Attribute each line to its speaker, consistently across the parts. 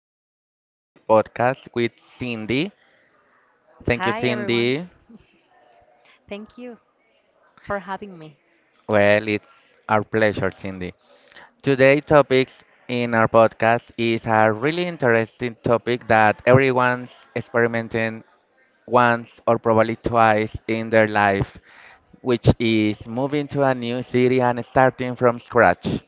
Speaker 1: new version of our podcast with Cindy. Thank you,
Speaker 2: Hi, everyone.
Speaker 1: Cindy.
Speaker 2: Thank you for having me.
Speaker 1: Well, it's our pleasure, Cindy. Today' topic in our podcast is a really interesting topic that everyone's experimenting once or probably twice in their life, which is moving to a new city and starting from scratch.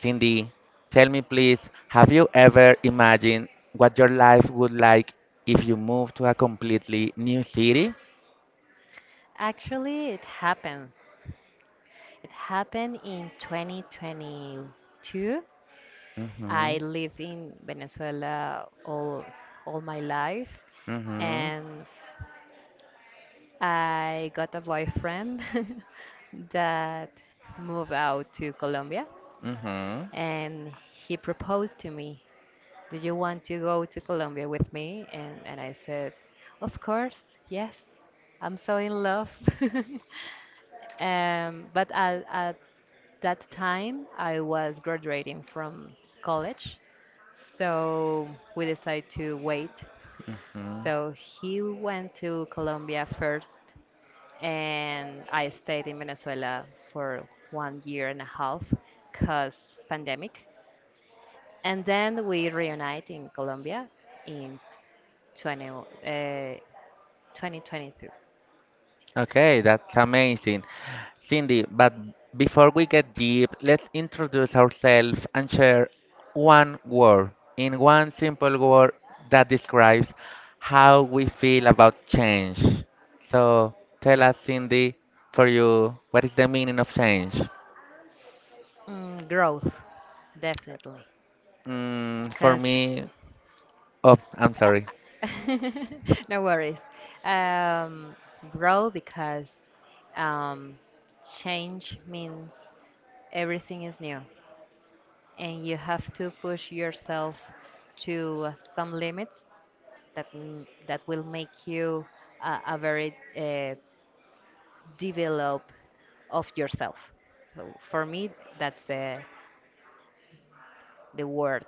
Speaker 1: Cindy, tell me please, have you ever imagined what your life would like if you moved to a completely new city?
Speaker 2: Actually, it happens. It happened in 2022. I
Speaker 1: Mm-hmm.
Speaker 2: lived in Venezuela all my life,
Speaker 1: Mm-hmm.
Speaker 2: and I got a boyfriend that moved out to Colombia,
Speaker 1: Mm-hmm.
Speaker 2: and he proposed to me, do you want to go to Colombia with me? And I said, of course, yes, I'm so in love. But at that time, I was graduating from college, so we decided to wait. So he went to Colombia first, and I stayed in Venezuela for one year and a half because pandemic. And then we reunite in Colombia in 20, 2022.
Speaker 1: Okay, that's amazing. Cindy, but before we get deep, let's introduce ourselves and share one word, in one simple word that describes how we feel about change. So tell us, Cindy, for you, what is the meaning of change?
Speaker 2: Mm, growth, definitely.
Speaker 1: For
Speaker 2: Because,
Speaker 1: me, oh, I'm sorry.
Speaker 2: no worries. Um, Grow because um, change means everything is new, and you have to push yourself to some limits that will make you a very develop of yourself. So for me, that's the word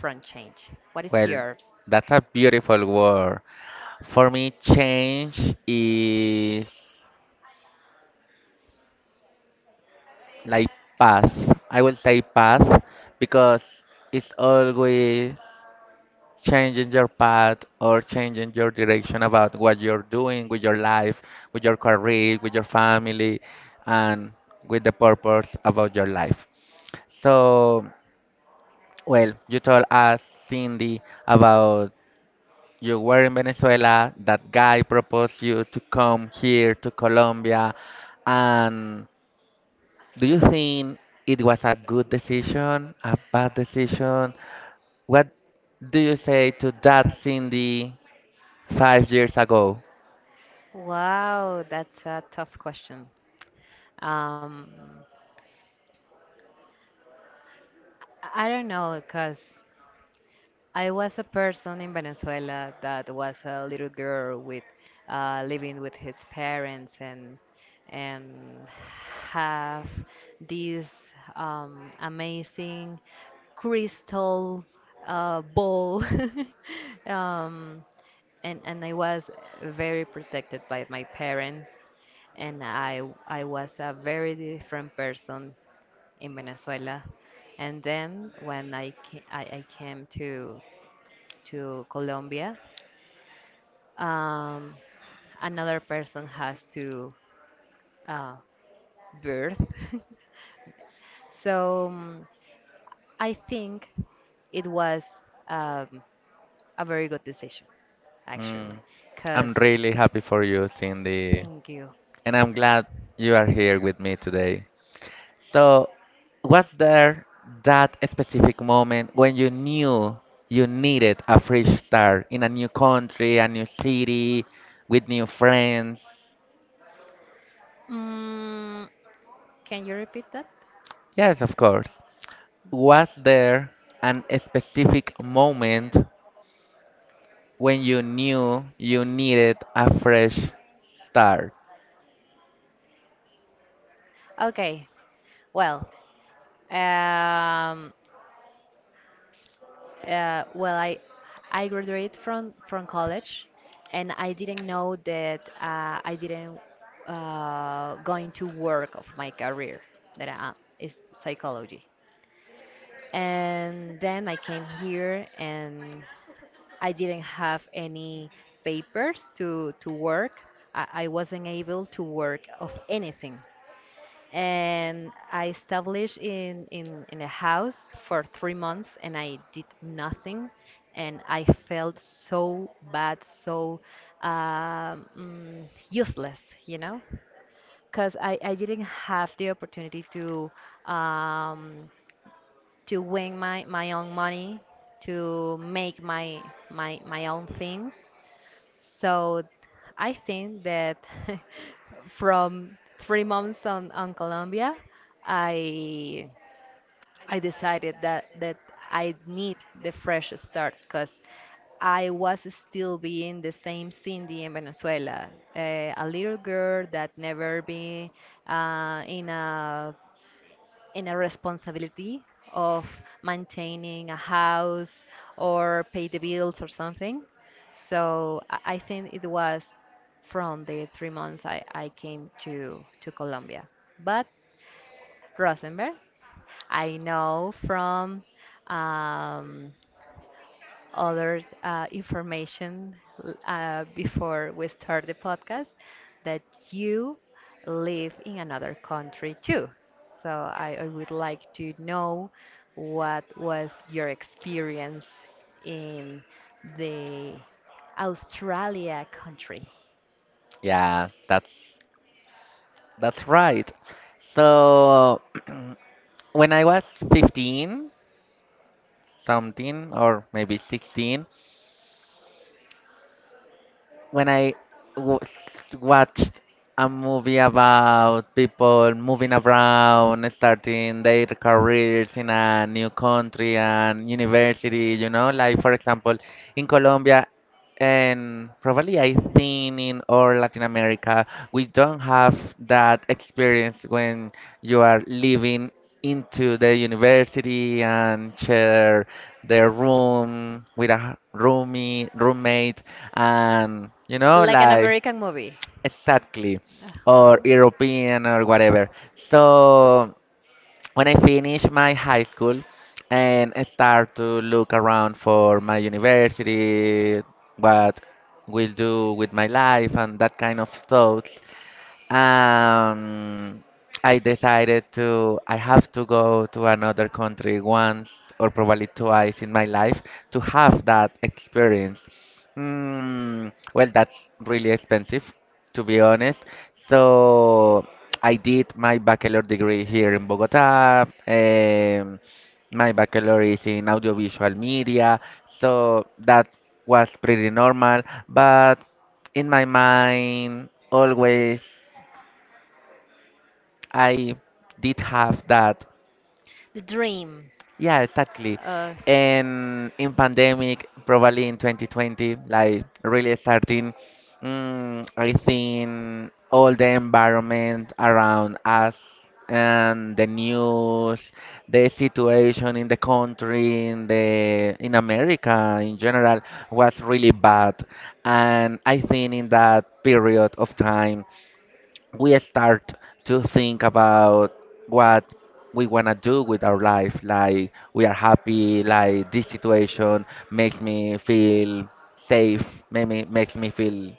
Speaker 2: front change. What is
Speaker 1: Well,
Speaker 2: yours?
Speaker 1: that's a beautiful word. For me, change is like past. I will say past because it's always changing your path or changing your direction about what you're doing with your life, with your career, with your family, and with the purpose about your life. So, well, you told us, Cindy, about you were in Venezuela, that guy proposed you to come here to Colombia, and do you think it was a good decision, a bad decision? What do you say to that Cindy 5 years ago?
Speaker 2: Wow, that's a tough question. Um, I don't know, because I was a person in Venezuela that was a little girl with living with his parents and and have this amazing crystal ball um, and I was very protected by my parents, and I was a very different person in Venezuela, and then when I came to Colombia, um, another person has to uh, birth, so I think it was um, a very good decision, actually,
Speaker 1: Mm,
Speaker 2: because
Speaker 1: I'm really happy for you, Cindy,
Speaker 2: thank you.
Speaker 1: and I'm glad you are here with me today. So, was there that specific moment when you knew you needed a fresh start in a new country, a new city, with new friends?
Speaker 2: Mm, Can you repeat that?
Speaker 1: Yes, of course. Was there an specific moment when you knew you needed a fresh start?
Speaker 2: Okay. Well, um, well, I graduated from college, and I didn't know that I didn't going to work of my career that I, is psychology. And then I came here, and I didn't have any papers to work. I wasn't able to work of anything. And I established in a house for 3 months, and I did nothing, and I felt so bad, so useless, because I didn't have the opportunity um, to win my own money, to make my own things. So I think that from 3 months on Colombia, I I decided that I need the fresh start because I was still being the same Cindy in Venezuela, a little girl that never been in a responsibility of maintaining a house or pay the bills or something. So I think it was from the 3 months I came to Colombia. But Rosenberg, I know from um, other information before we start the podcast that you live in another country too. So I would like to know what was your experience in the Australia country,
Speaker 1: Yeah, that's right. So when I was 15 something or maybe 16, when I wa- watched a movie about people moving around, starting their careers in a new country and university, like, for example, in Colombia and probably I think in all Latin America, we don't have that experience when you are living into the university and share their room with a roomie, roommate, and
Speaker 2: like an
Speaker 1: like,
Speaker 2: American movie.
Speaker 1: exactly,
Speaker 2: Uh-huh.
Speaker 1: or European or whatever. So when I finished my high school and I start to look around for my university, what will do with my life and that kind of thoughts, um, I have to go to another country once or probably twice in my life to have that experience. Well, that's really expensive, to be honest. So I did my bachelor degree here in Bogota. My bachelor is in audiovisual media, so that was pretty normal. But in my mind, always. I did have that.
Speaker 2: The dream.
Speaker 1: Yeah, exactly.
Speaker 2: Uh,
Speaker 1: And in pandemic, probably in 2020, like really starting, I think all the environment around us and the news, the situation in the country, in America in general was really bad. And I think in that period of time we start to think about what we want to do with our life, like, we are happy, like, this situation makes me feel safe, makes me feel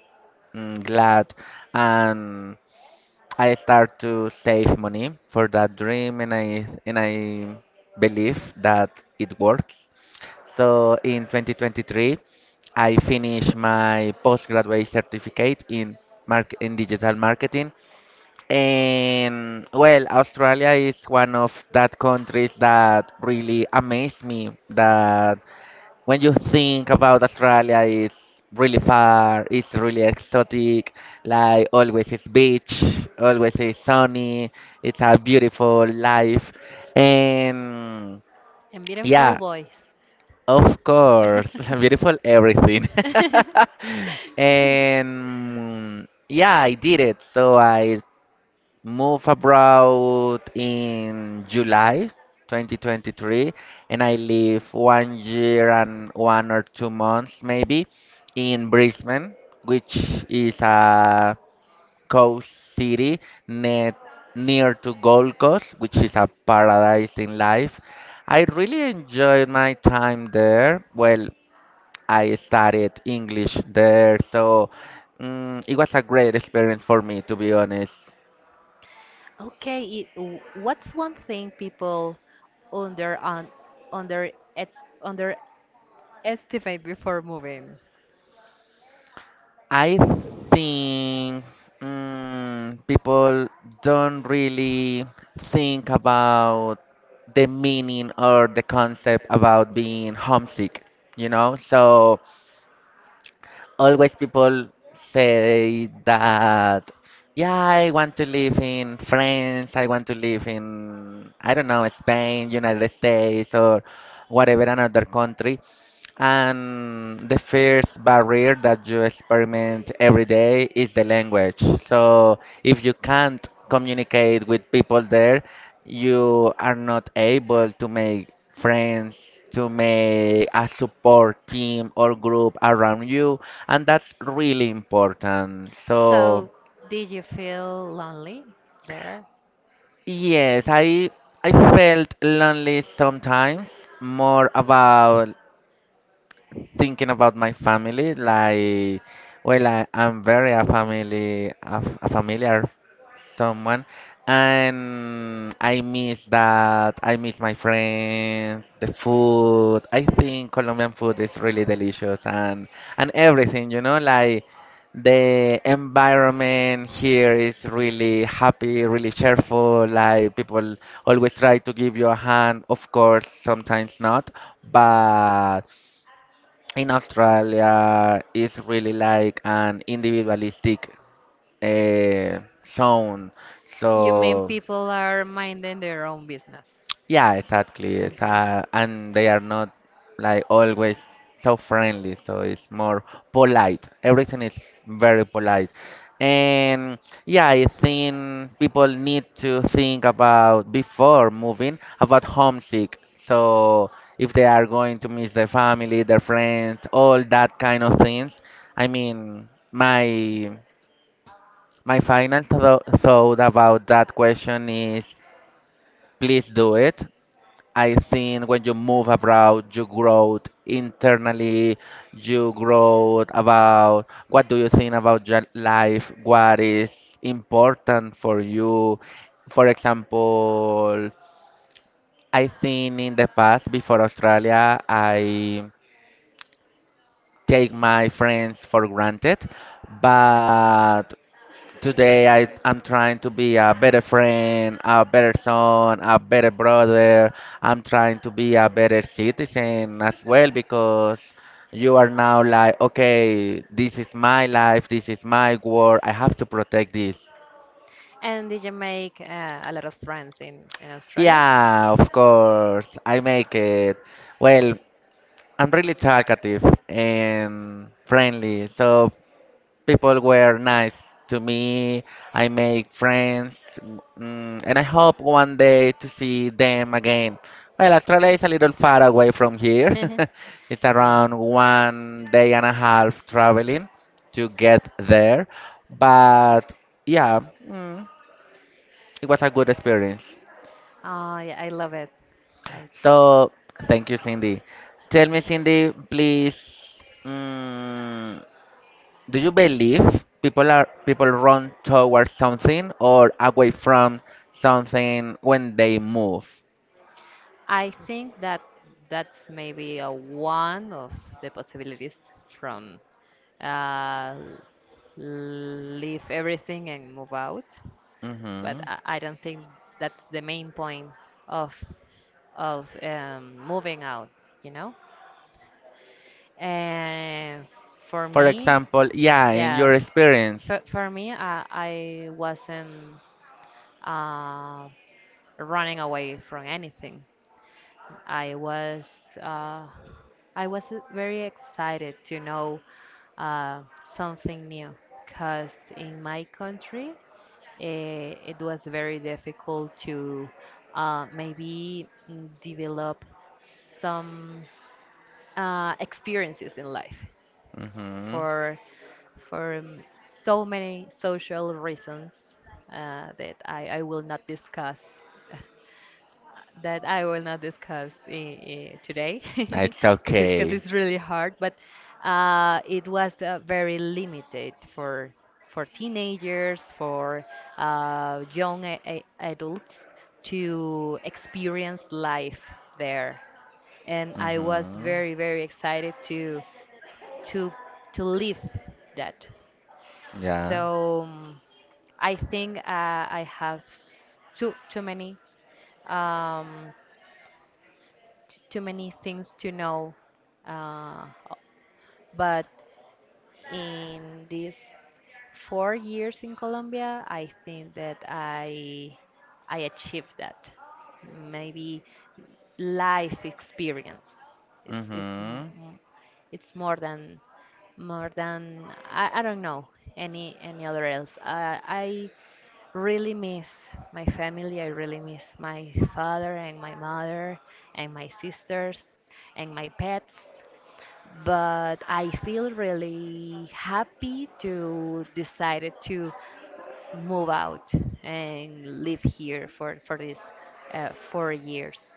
Speaker 1: glad, and I start to save money for that dream, and I believe that it works. So in 2023 I finished my postgraduate certificate in mark in digital marketing, and well, Australia is one of that countries that really amaze me, that when you think about Australia, it's really far, it's really exotic. Like always, it's beach, always it's sunny. It's a beautiful life, and
Speaker 2: And yeah, beautiful
Speaker 1: yeah,
Speaker 2: voice. Of
Speaker 1: of course, beautiful everything. And yeah, I did it. So I move abroad in July 2023, and I live one year and 1 or 2 months maybe in Brisbane, which is a coast city net near to Gold Coast, which is a paradise in life. I really enjoyed my time there. Well, I studied English there, so it was a great experience for me, to be honest.
Speaker 2: Okay, what's one thing people under on under ex, underestimate before moving?
Speaker 1: I think people don't really think about the meaning or the concept about being homesick, you know? So always people say that, yeah, I want to live in France, I want to live in, I don't know, Spain, United States, or whatever another country. And the first barrier that you experiment every day is the language. So if you can't communicate with people there, you are not able to make friends, to make a support team or group around you, and that's really important. So
Speaker 2: So, did you feel lonely there?
Speaker 1: yes, I felt lonely sometimes, more about thinking about my family, like, well, I'm very a family, a familiar someone, and I miss that. I miss my friends, the food. I think Colombian food is really delicious, and everything, like the environment here is really happy, really cheerful. Like people always try to give you a hand. Of course, sometimes not, but in Australia is really like an individualistic uh, zone.
Speaker 2: You mean
Speaker 1: So
Speaker 2: people are minding their own business?
Speaker 1: yeah, exactly. It's,
Speaker 2: Okay.
Speaker 1: uh, and they are not like always so friendly, so it's more polite. Everything is very polite. And yeah, I think people need to think about before moving about homesick. So if they are going to miss their family, their friends, all that kind of things. I mean, my final thought about that question is please do it. I think when you move abroad, you grow internally, you grow about what do you think about your life, what is important for you. For example, I think in the past, before Australia, I take my friends for granted, but today I'm trying to be a better friend, a better son, a better brother. I'm trying to be a better citizen as well because you are now like, okay, this is my life, this is my world, I have to protect this.
Speaker 2: And did you make a lot of friends in Australia?
Speaker 1: Yeah, of course, I make it. Well, I'm really talkative and friendly, so people were nice to me. I made friends, and I hope one day to see them again. Well, Australia is a little far away from here. It's
Speaker 2: Yes.
Speaker 1: around one day and a half traveling to get there, but yeah, mm, it was a good experience.
Speaker 2: Oh, yeah, I love it. I
Speaker 1: So thank you, Cindy. Tell me, Cindy, please. mm, Do you believe people run towards something or away from something when they move?
Speaker 2: I think that that's maybe a one of the possibilities from uh, leave everything and move out. But
Speaker 1: Hmm.
Speaker 2: I don't think that's the main point of of moving out, you know? And for
Speaker 1: For
Speaker 2: me,
Speaker 1: example, yeah, in
Speaker 2: yeah,
Speaker 1: your experience.
Speaker 2: for me, I wasn't uh, running away from anything. I was uh, I was very excited to know uh, something new, cause in my country, it was very difficult to maybe develop some experiences in life.
Speaker 1: Hmm.
Speaker 2: For for so many social reasons that I will not discuss today
Speaker 1: It's
Speaker 2: because
Speaker 1: okay.
Speaker 2: it's really hard, but it was very limited for teenagers, for young adults to experience life there, and I was very very excited to to live that. So I think I have too many um, things to know, uh, but in these 4 years in Colombia, I think that I achieved that. Maybe life experience. It's
Speaker 1: Mm-hmm.
Speaker 2: more than I don't know any other else. I really miss my family. I really miss my father and my mother and my sisters and my pets. But I feel really happy to decided to move out and live here for these 4 years.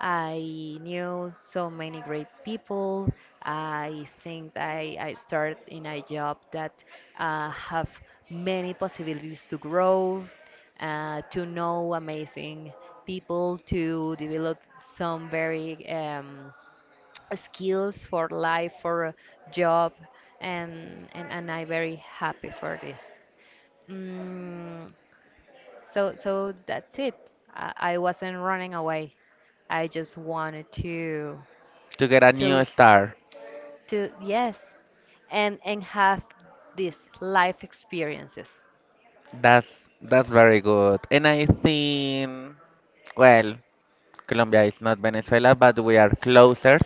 Speaker 2: I knew so many great people. I think I start in a job that have many possibilities to grow, to know amazing people, to develop some very skills for life, for job, and, and I'm very happy for this. Mm, so that's it. I wasn't running away. I just wanted to
Speaker 1: To get a new
Speaker 2: to
Speaker 1: star.
Speaker 2: to yes, and have these life experiences.
Speaker 1: That's that's very good. And I think, well, Colombia is not Venezuela, but we are closer.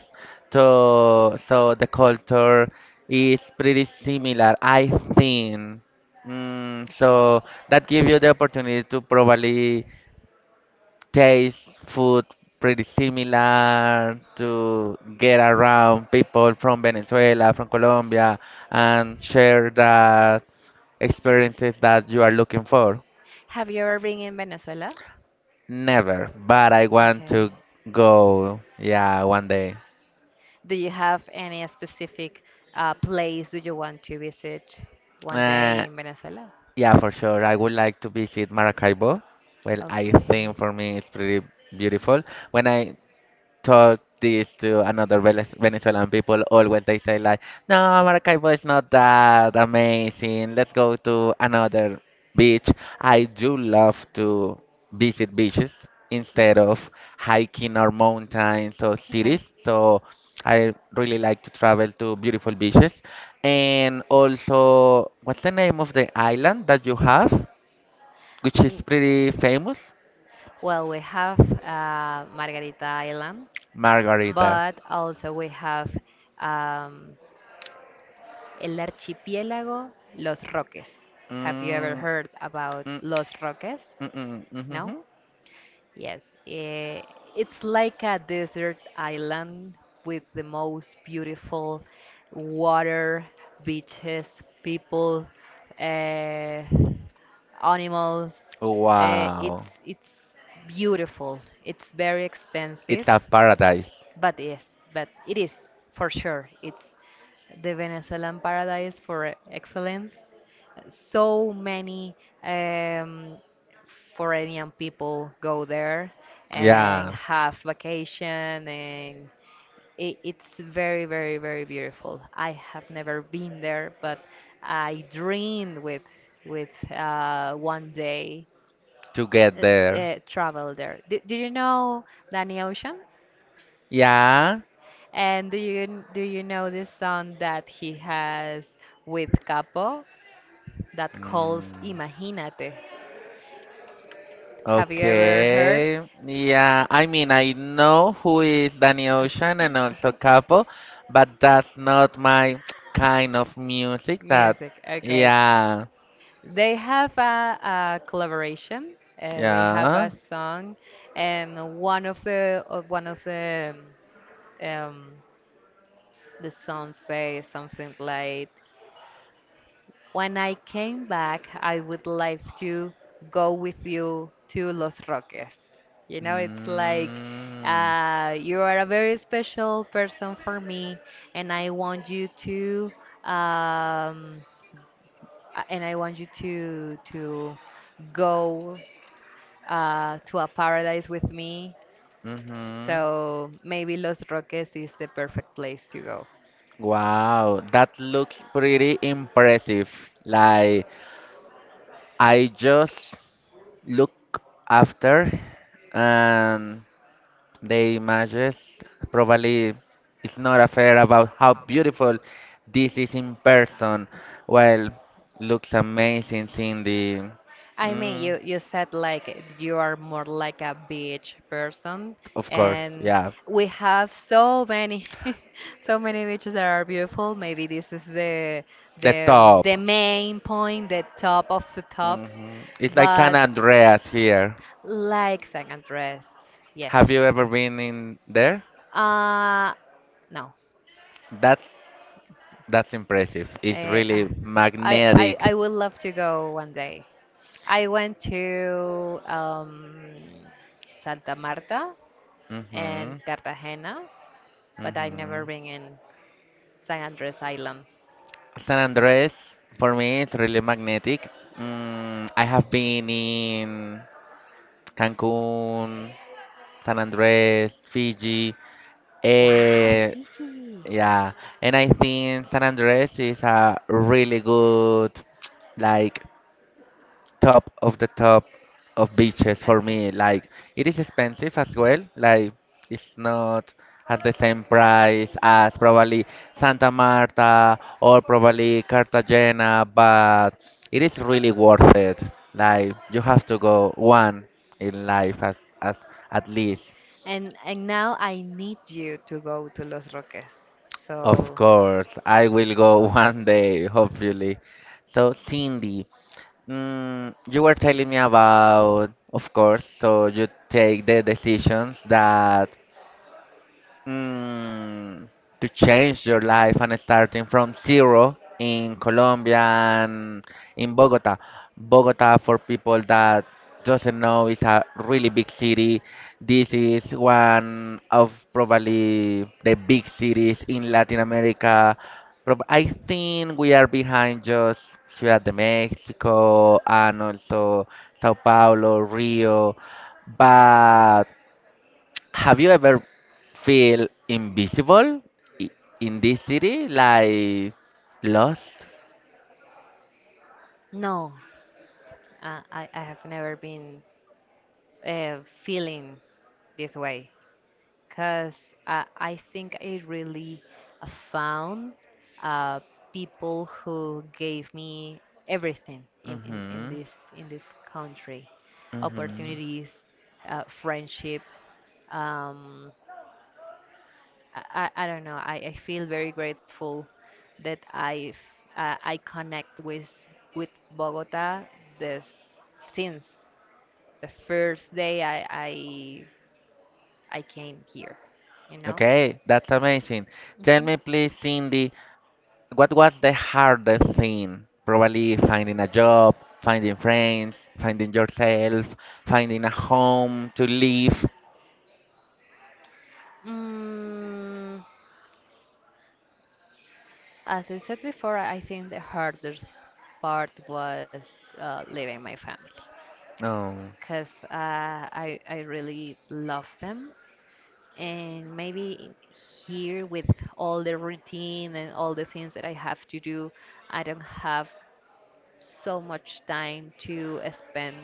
Speaker 1: So, the culture is pretty similar, I think. So that gives you the opportunity to probably taste food pretty similar, to get around people from Venezuela, from Colombia, and share that experiences that you are looking for.
Speaker 2: Have you ever been in Venezuela?
Speaker 1: Never, but I want
Speaker 2: Okay.
Speaker 1: to go, yeah, one day.
Speaker 2: Do you have any specific place do you want to visit one day
Speaker 1: Uh,
Speaker 2: in Venezuela?
Speaker 1: Yeah, for sure. I would like to visit Maracaibo. Well, I think
Speaker 2: Okay.
Speaker 1: for me it's pretty beautiful. When I talk this to another Venezuelan people, always they say like, "No, Maracaibo is not that amazing. Let's go to another beach." I do love to visit beaches instead of hiking or mountains or
Speaker 2: Okay.
Speaker 1: cities. So I really like to travel to beautiful beaches. And also, what's the name of the island that you have, which is
Speaker 2: Mm.
Speaker 1: pretty famous?
Speaker 2: Well, we have Margarita Island,
Speaker 1: Margarita.
Speaker 2: but also we have um, El Archipiélago Los Roques. Have you ever
Speaker 1: Mm.
Speaker 2: heard about
Speaker 1: Mm-mm.
Speaker 2: Los Roques?
Speaker 1: Mm-mm,
Speaker 2: No?
Speaker 1: mhm.
Speaker 2: Yes, it's like a desert island with the most beautiful water, beaches, people, uh, animals. It's
Speaker 1: Wow,
Speaker 2: it's beautiful. It's very
Speaker 1: it's
Speaker 2: expensive,
Speaker 1: a paradise.
Speaker 2: but yes, but it is for sure. It's the Venezuelan paradise for excellence, so many um, foreign people go there and
Speaker 1: Yeah,
Speaker 2: have vacation, and it's very beautiful. I have never been there, but I dreamed with one day
Speaker 1: to get there.
Speaker 2: travel there. Do you know Danny Ocean,
Speaker 1: Yeah.
Speaker 2: and do you know this song that he has with Capo, that calls
Speaker 1: Mm.
Speaker 2: Imagínate? Have you ever heard?
Speaker 1: Okay. Yeah, I mean, I know who is Danny
Speaker 2: Uh-huh,
Speaker 1: Ocean and also
Speaker 2: uh-huh.
Speaker 1: Capo, but that's not my kind of music, that,
Speaker 2: Music, okay.
Speaker 1: yeah.
Speaker 2: They have a collaboration. They have
Speaker 1: Yeah.
Speaker 2: a song, and one of the um, songs say something like, when I came back, I would like to go with you to Los Roques. You know, it's like
Speaker 1: Mm.
Speaker 2: you are a very special person for me, and I want you to um, and I want you to go to a paradise with me.
Speaker 1: Mm-hmm.
Speaker 2: So maybe Los Roques is the perfect place to go.
Speaker 1: Wow, that looks pretty impressive. Like, I just look after, and the images probably it's not a fair about how beautiful this is in person. Well, looks amazing in the.
Speaker 2: I mean,
Speaker 1: mm,
Speaker 2: you said like you are more like a beach person,
Speaker 1: of course,
Speaker 2: and
Speaker 1: yeah.
Speaker 2: we have so many, so many beaches that are beautiful. Maybe this is the
Speaker 1: The top,
Speaker 2: the main point, the top of the tops,
Speaker 1: it's like San
Speaker 2: but
Speaker 1: Andreas here.
Speaker 2: like San Andres, yes.
Speaker 1: Have you ever been in there?
Speaker 2: Uh, no.
Speaker 1: That's that's impressive. It's
Speaker 2: Eh, Uh,
Speaker 1: really
Speaker 2: I, I
Speaker 1: magnetic.
Speaker 2: I would love to go one day. I went to Santa Marta and
Speaker 1: Hmm.
Speaker 2: Cartagena, but I never
Speaker 1: Hmm.
Speaker 2: been in San Andres Island.
Speaker 1: San Andres for me it's really magnetic. I have been in Cancun, San Andres, Fiji.
Speaker 2: Wow,
Speaker 1: eh,
Speaker 2: Fiji.
Speaker 1: yeah, and I think San Andres is a really good, like, top of the top of beaches for
Speaker 2: Okay.
Speaker 1: me. Like it is expensive as well. Like it's not at the same price as probably Santa Marta or probably Cartagena, but it is really worth it. Like you have to go one in life as at least.
Speaker 2: And now I need you to go to Los Roques.
Speaker 1: Of
Speaker 2: So
Speaker 1: course, I will go one day, hopefully. So, Cindy, you were telling me about, of course, so you take the decisions that Mm, to change your life and starting from zero in Colombia and in Bogota. Bogota, for people that doesn't know, is a really big city. This is one of probably the big cities in Latin America. I think we are behind just Ciudad de Mexico and also Sao Paulo, Rio, but have you ever feel invisible i- in this city, like lost?
Speaker 2: no, I have never been feeling this way, because I think I really found uh, people who gave me everything in
Speaker 1: Mhm.
Speaker 2: this country,
Speaker 1: Mhm.
Speaker 2: opportunities, friendship. Um, I, I don't know. I feel very grateful that I connect with Bogota this since the first day I came here. You know.
Speaker 1: Okay, that's amazing. Tell me, please, Cindy, what was the hardest thing? Probably finding a job, finding friends, finding yourself, finding a home to live.
Speaker 2: Mm, as I said before, I think the hardest part was leaving my family,
Speaker 1: Oh,
Speaker 2: because I really love them. And maybe here with all the routine and all the things that I have to do, I don't have so much time to spend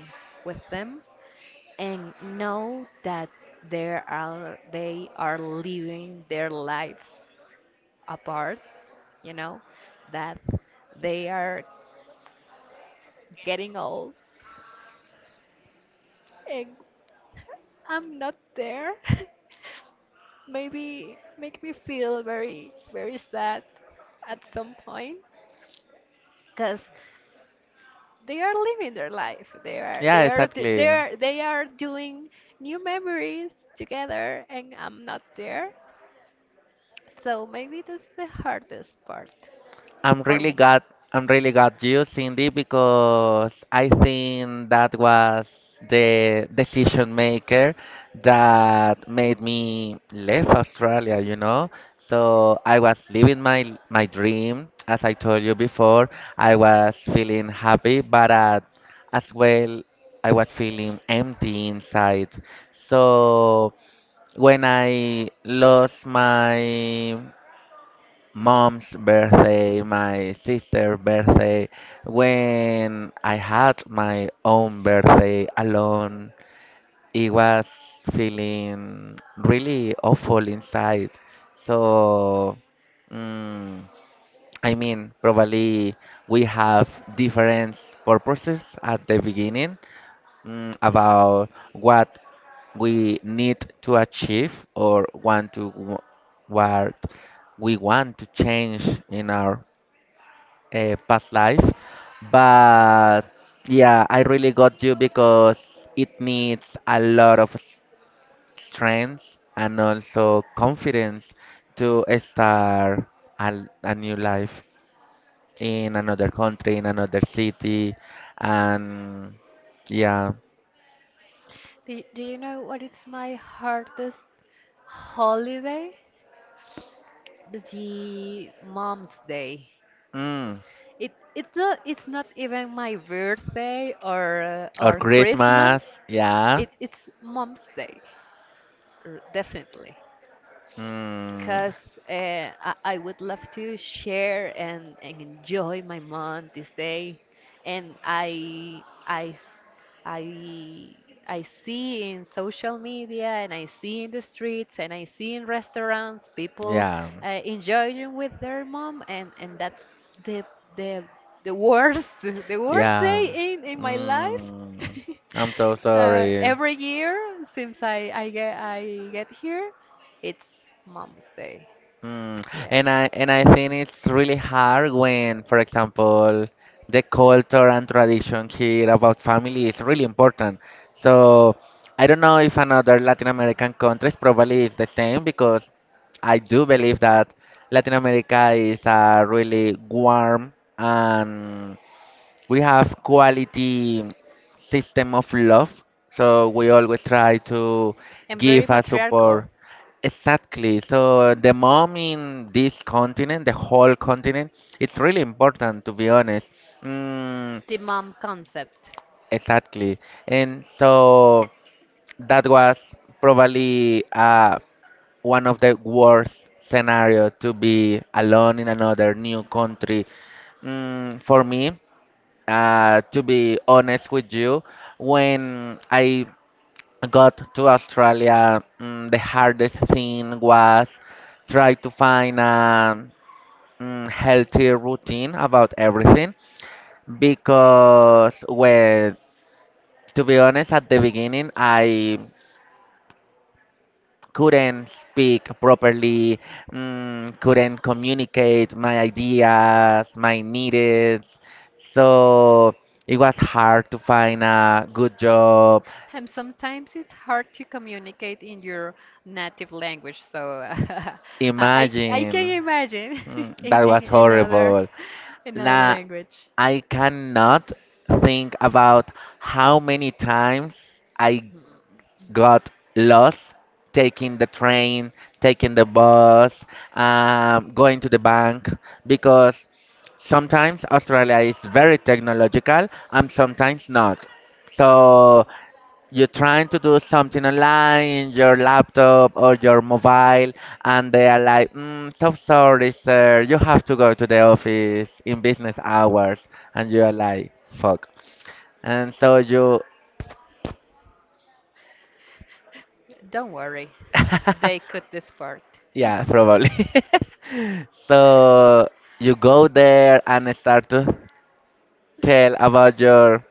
Speaker 2: with them, and know that they are living their lives apart, you know, that they are getting old, and I'm not there. Maybe make me feel very, very sad at some point, because they are living their life.
Speaker 1: yeah,
Speaker 2: They are, d- they
Speaker 1: exactly.
Speaker 2: are, They are doing new memories together, and I'm not there. So maybe that's the hardest part
Speaker 1: I'm
Speaker 2: for
Speaker 1: really
Speaker 2: me.
Speaker 1: glad I'm really glad you, Cindy, because I think that was the decision maker that made me leave Australia, you know. So I was living my dream, as I told you before. I was feeling happy, but at, as well I was feeling empty inside. So when I lost my mom's birthday, my sister's birthday, when I had my own birthday alone, it was feeling really awful inside. So, mm, I mean, probably we have different purposes at the beginning, about what we need to achieve or want to what we want to change in our past life. But yeah, I really got you because it needs a lot of strength and also confidence to start a new life in another country, in another city, and yeah.
Speaker 2: Do you know what is my hardest holiday? The Mom's Day.
Speaker 1: Mm.
Speaker 2: It's not even my birthday
Speaker 1: Or
Speaker 2: or Christmas.
Speaker 1: Christmas, yeah.
Speaker 2: It's Mom's Day, definitely.
Speaker 1: Mm,
Speaker 2: Because I would love to share and, enjoy my month this day. And I- I see in social media, and I see in the streets, and I see in restaurants people
Speaker 1: yeah.
Speaker 2: enjoying with their mom, and, that's the, the, the worst the worst
Speaker 1: Yeah.
Speaker 2: day in my life.
Speaker 1: Mm, I'm so sorry.
Speaker 2: Every year since I get here, it's Mom's Day.
Speaker 1: Mm,
Speaker 2: Yes.
Speaker 1: and I think it's really hard when, for example, the culture and tradition here about family is really important. So I don't know if another Latin American countries probably is the same because I do believe that Latin America is a really warm and we have quality system of love, so we always try to
Speaker 2: Very
Speaker 1: give a support.
Speaker 2: matriarchal,
Speaker 1: Exactly, so the mom in this continent, the whole continent, it's really important, to be honest. mm,
Speaker 2: the mom concept.
Speaker 1: exactly. And so that was probably one of the worst scenario to be alone in another new country, for me. To be honest with you, when I got to Australia, the hardest thing was try to find a healthy routine about everything, because, well, to be honest, at the beginning I couldn't speak properly, couldn't communicate my ideas, my needs, so it was hard to find a good job.
Speaker 2: And sometimes it's hard to communicate in your native language, so I, I, I Imagine, can
Speaker 1: Imagine.
Speaker 2: imagine
Speaker 1: Mm, that
Speaker 2: in
Speaker 1: was horrible.
Speaker 2: another
Speaker 1: Nah,
Speaker 2: language.
Speaker 1: I cannot think about how many times I got lost taking the train, taking the bus, going to the bank, because sometimes Australia is very technological and sometimes not. So you're trying to do something online in your laptop or your mobile, and they are like, so sorry, sir, you have to go to the office in business hours. And you are like, fuck. And so you,
Speaker 2: Don't worry, they cut this part.
Speaker 1: yeah, probably. So you go there and start to tell about your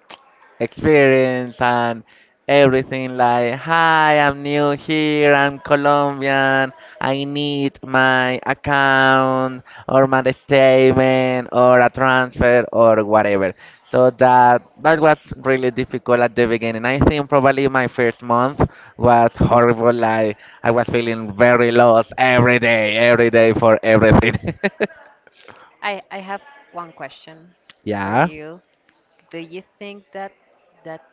Speaker 1: experience and everything, like, hi, I'm new here, I'm Colombian, I need my account or my statement or a transfer or whatever. So that that was really difficult at the beginning. I think probably my first month was horrible. Like, I was feeling very lost every day, every day for everything.
Speaker 2: I have one question for
Speaker 1: Yeah.
Speaker 2: you. Do you think that that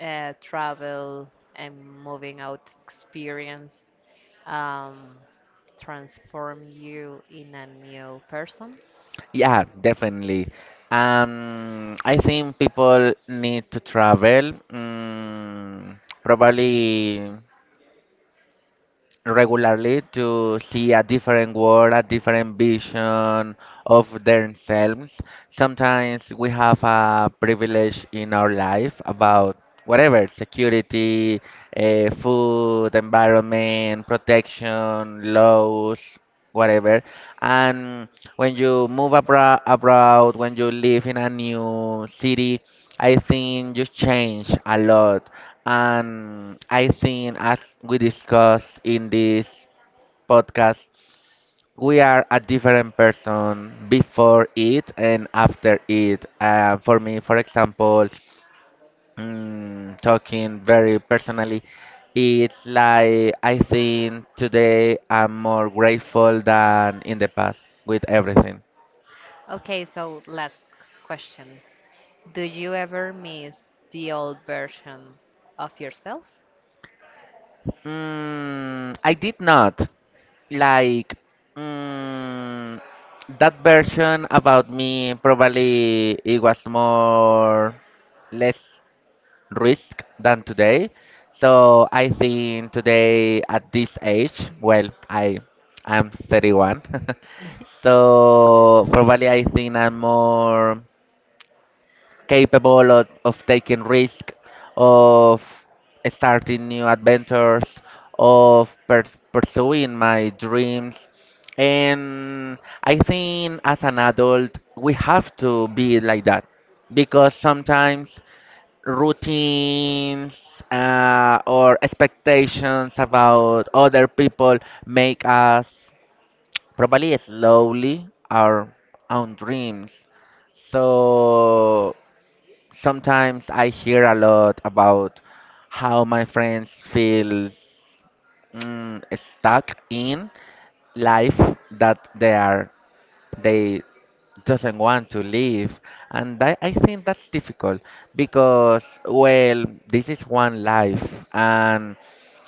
Speaker 2: travel and moving out experience um, transform you in a new person?
Speaker 1: Yeah, definitely. I think people need to travel. Mm, probably regularly, to see a different world, a different vision of themselves. Sometimes we have a privilege in our life about whatever, security, food, environment, protection, laws, whatever. And when you move abra abroad, when you live in a new city, I think you change a lot. And I think, as we discussed in this podcast, we are a different person before it and after it. For me, for example, talking very personally, it's like I think today I'm more grateful than in the past with everything.
Speaker 2: Okay, so last question. Do you ever miss the old version of yourself?
Speaker 1: Mm, I did not. Like, mm, that version about me probably it was more less risk than today. So I think today at this age, well, I'm 31. So probably I think I'm more capable of taking risk, of starting new adventures, of pursuing my dreams. And I think as an adult, we have to be like that, because sometimes routines or expectations about other people make us probably slowly our own dreams. So sometimes I hear a lot about how my friends feel, mm, stuck in life, that they are, they doesn't want to live. And I think that's difficult because, well, this is one life, and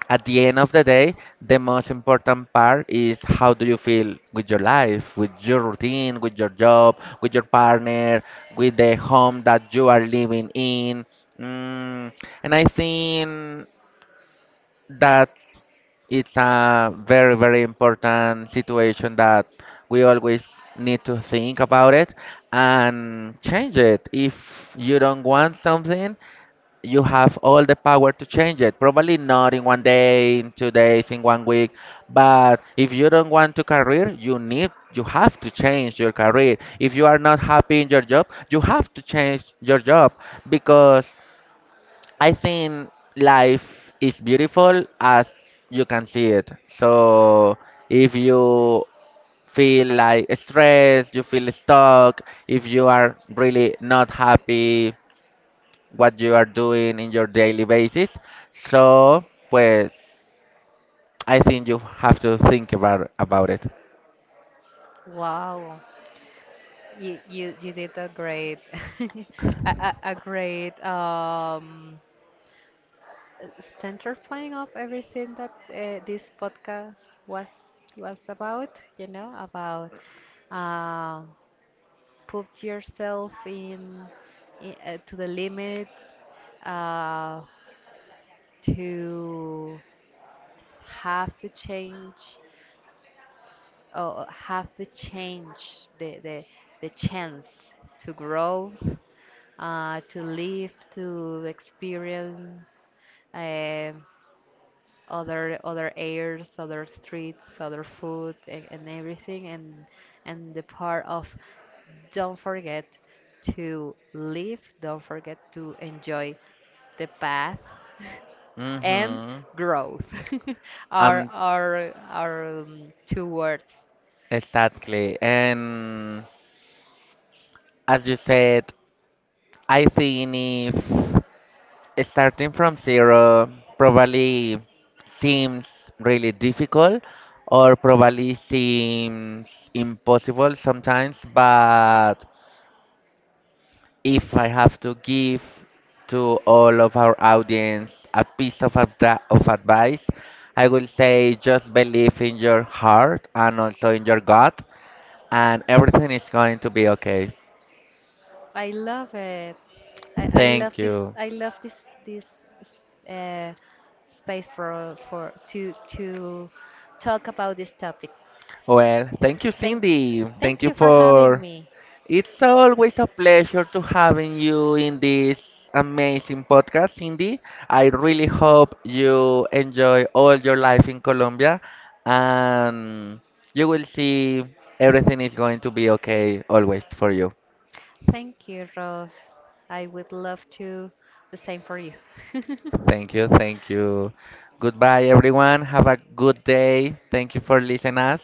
Speaker 1: at the end of the day, the most important part is how do you feel with your life, with your routine, with your job, with your partner, with the home that you are living in. Mm, and I think that it's a very, very important situation that we always need to think about it and change it. If you don't want something, you have all the power to change it. Probably not in one day, in two days, in one week. But if you don't want to career, you have to change your career. If you are not happy in your job, you have to change your job, because I think life is beautiful as you can see it. So if you feel like stressed, you feel stuck, if you are really not happy what you are doing in your daily basis. So, pues, I think you have to think about it.
Speaker 2: Wow, you did a great a, a great uh, center point of everything that this podcast was about. About uh, put yourself in, I to the limits, uh, to have to change, or have to change the the, the chance to grow, to live, to experience. Um, other airs, other streets, other food, and, everything. And the part of, don't forget to live, don't forget to enjoy the path
Speaker 1: Mm.
Speaker 2: and
Speaker 1: Mhm.
Speaker 2: growth
Speaker 1: Um,
Speaker 2: are two words.
Speaker 1: exactly. And as you said, I think if starting from zero, probably seems really difficult or probably seems impossible sometimes, but if I have to give to all of our audience a piece of, of advice, I will say just believe in your heart and also in your gut, and everything is going to be okay.
Speaker 2: I love it. I love
Speaker 1: Thank
Speaker 2: this.
Speaker 1: you.
Speaker 2: I love this this uh, space for to talk about this topic.
Speaker 1: Well, thank you,
Speaker 2: Thank,
Speaker 1: Cindy. Thank
Speaker 2: Thank
Speaker 1: you
Speaker 2: you for having
Speaker 1: for—
Speaker 2: me.
Speaker 1: It's always a pleasure to having you in this amazing podcast, Cindy. I really hope you enjoy all your life in Colombia, and you will see everything is going to be okay always for you.
Speaker 2: Thank you, Rose. I would love to. The same for you.
Speaker 1: Thank you, thank you. Goodbye everyone. Have a good day. Thank you for listening us.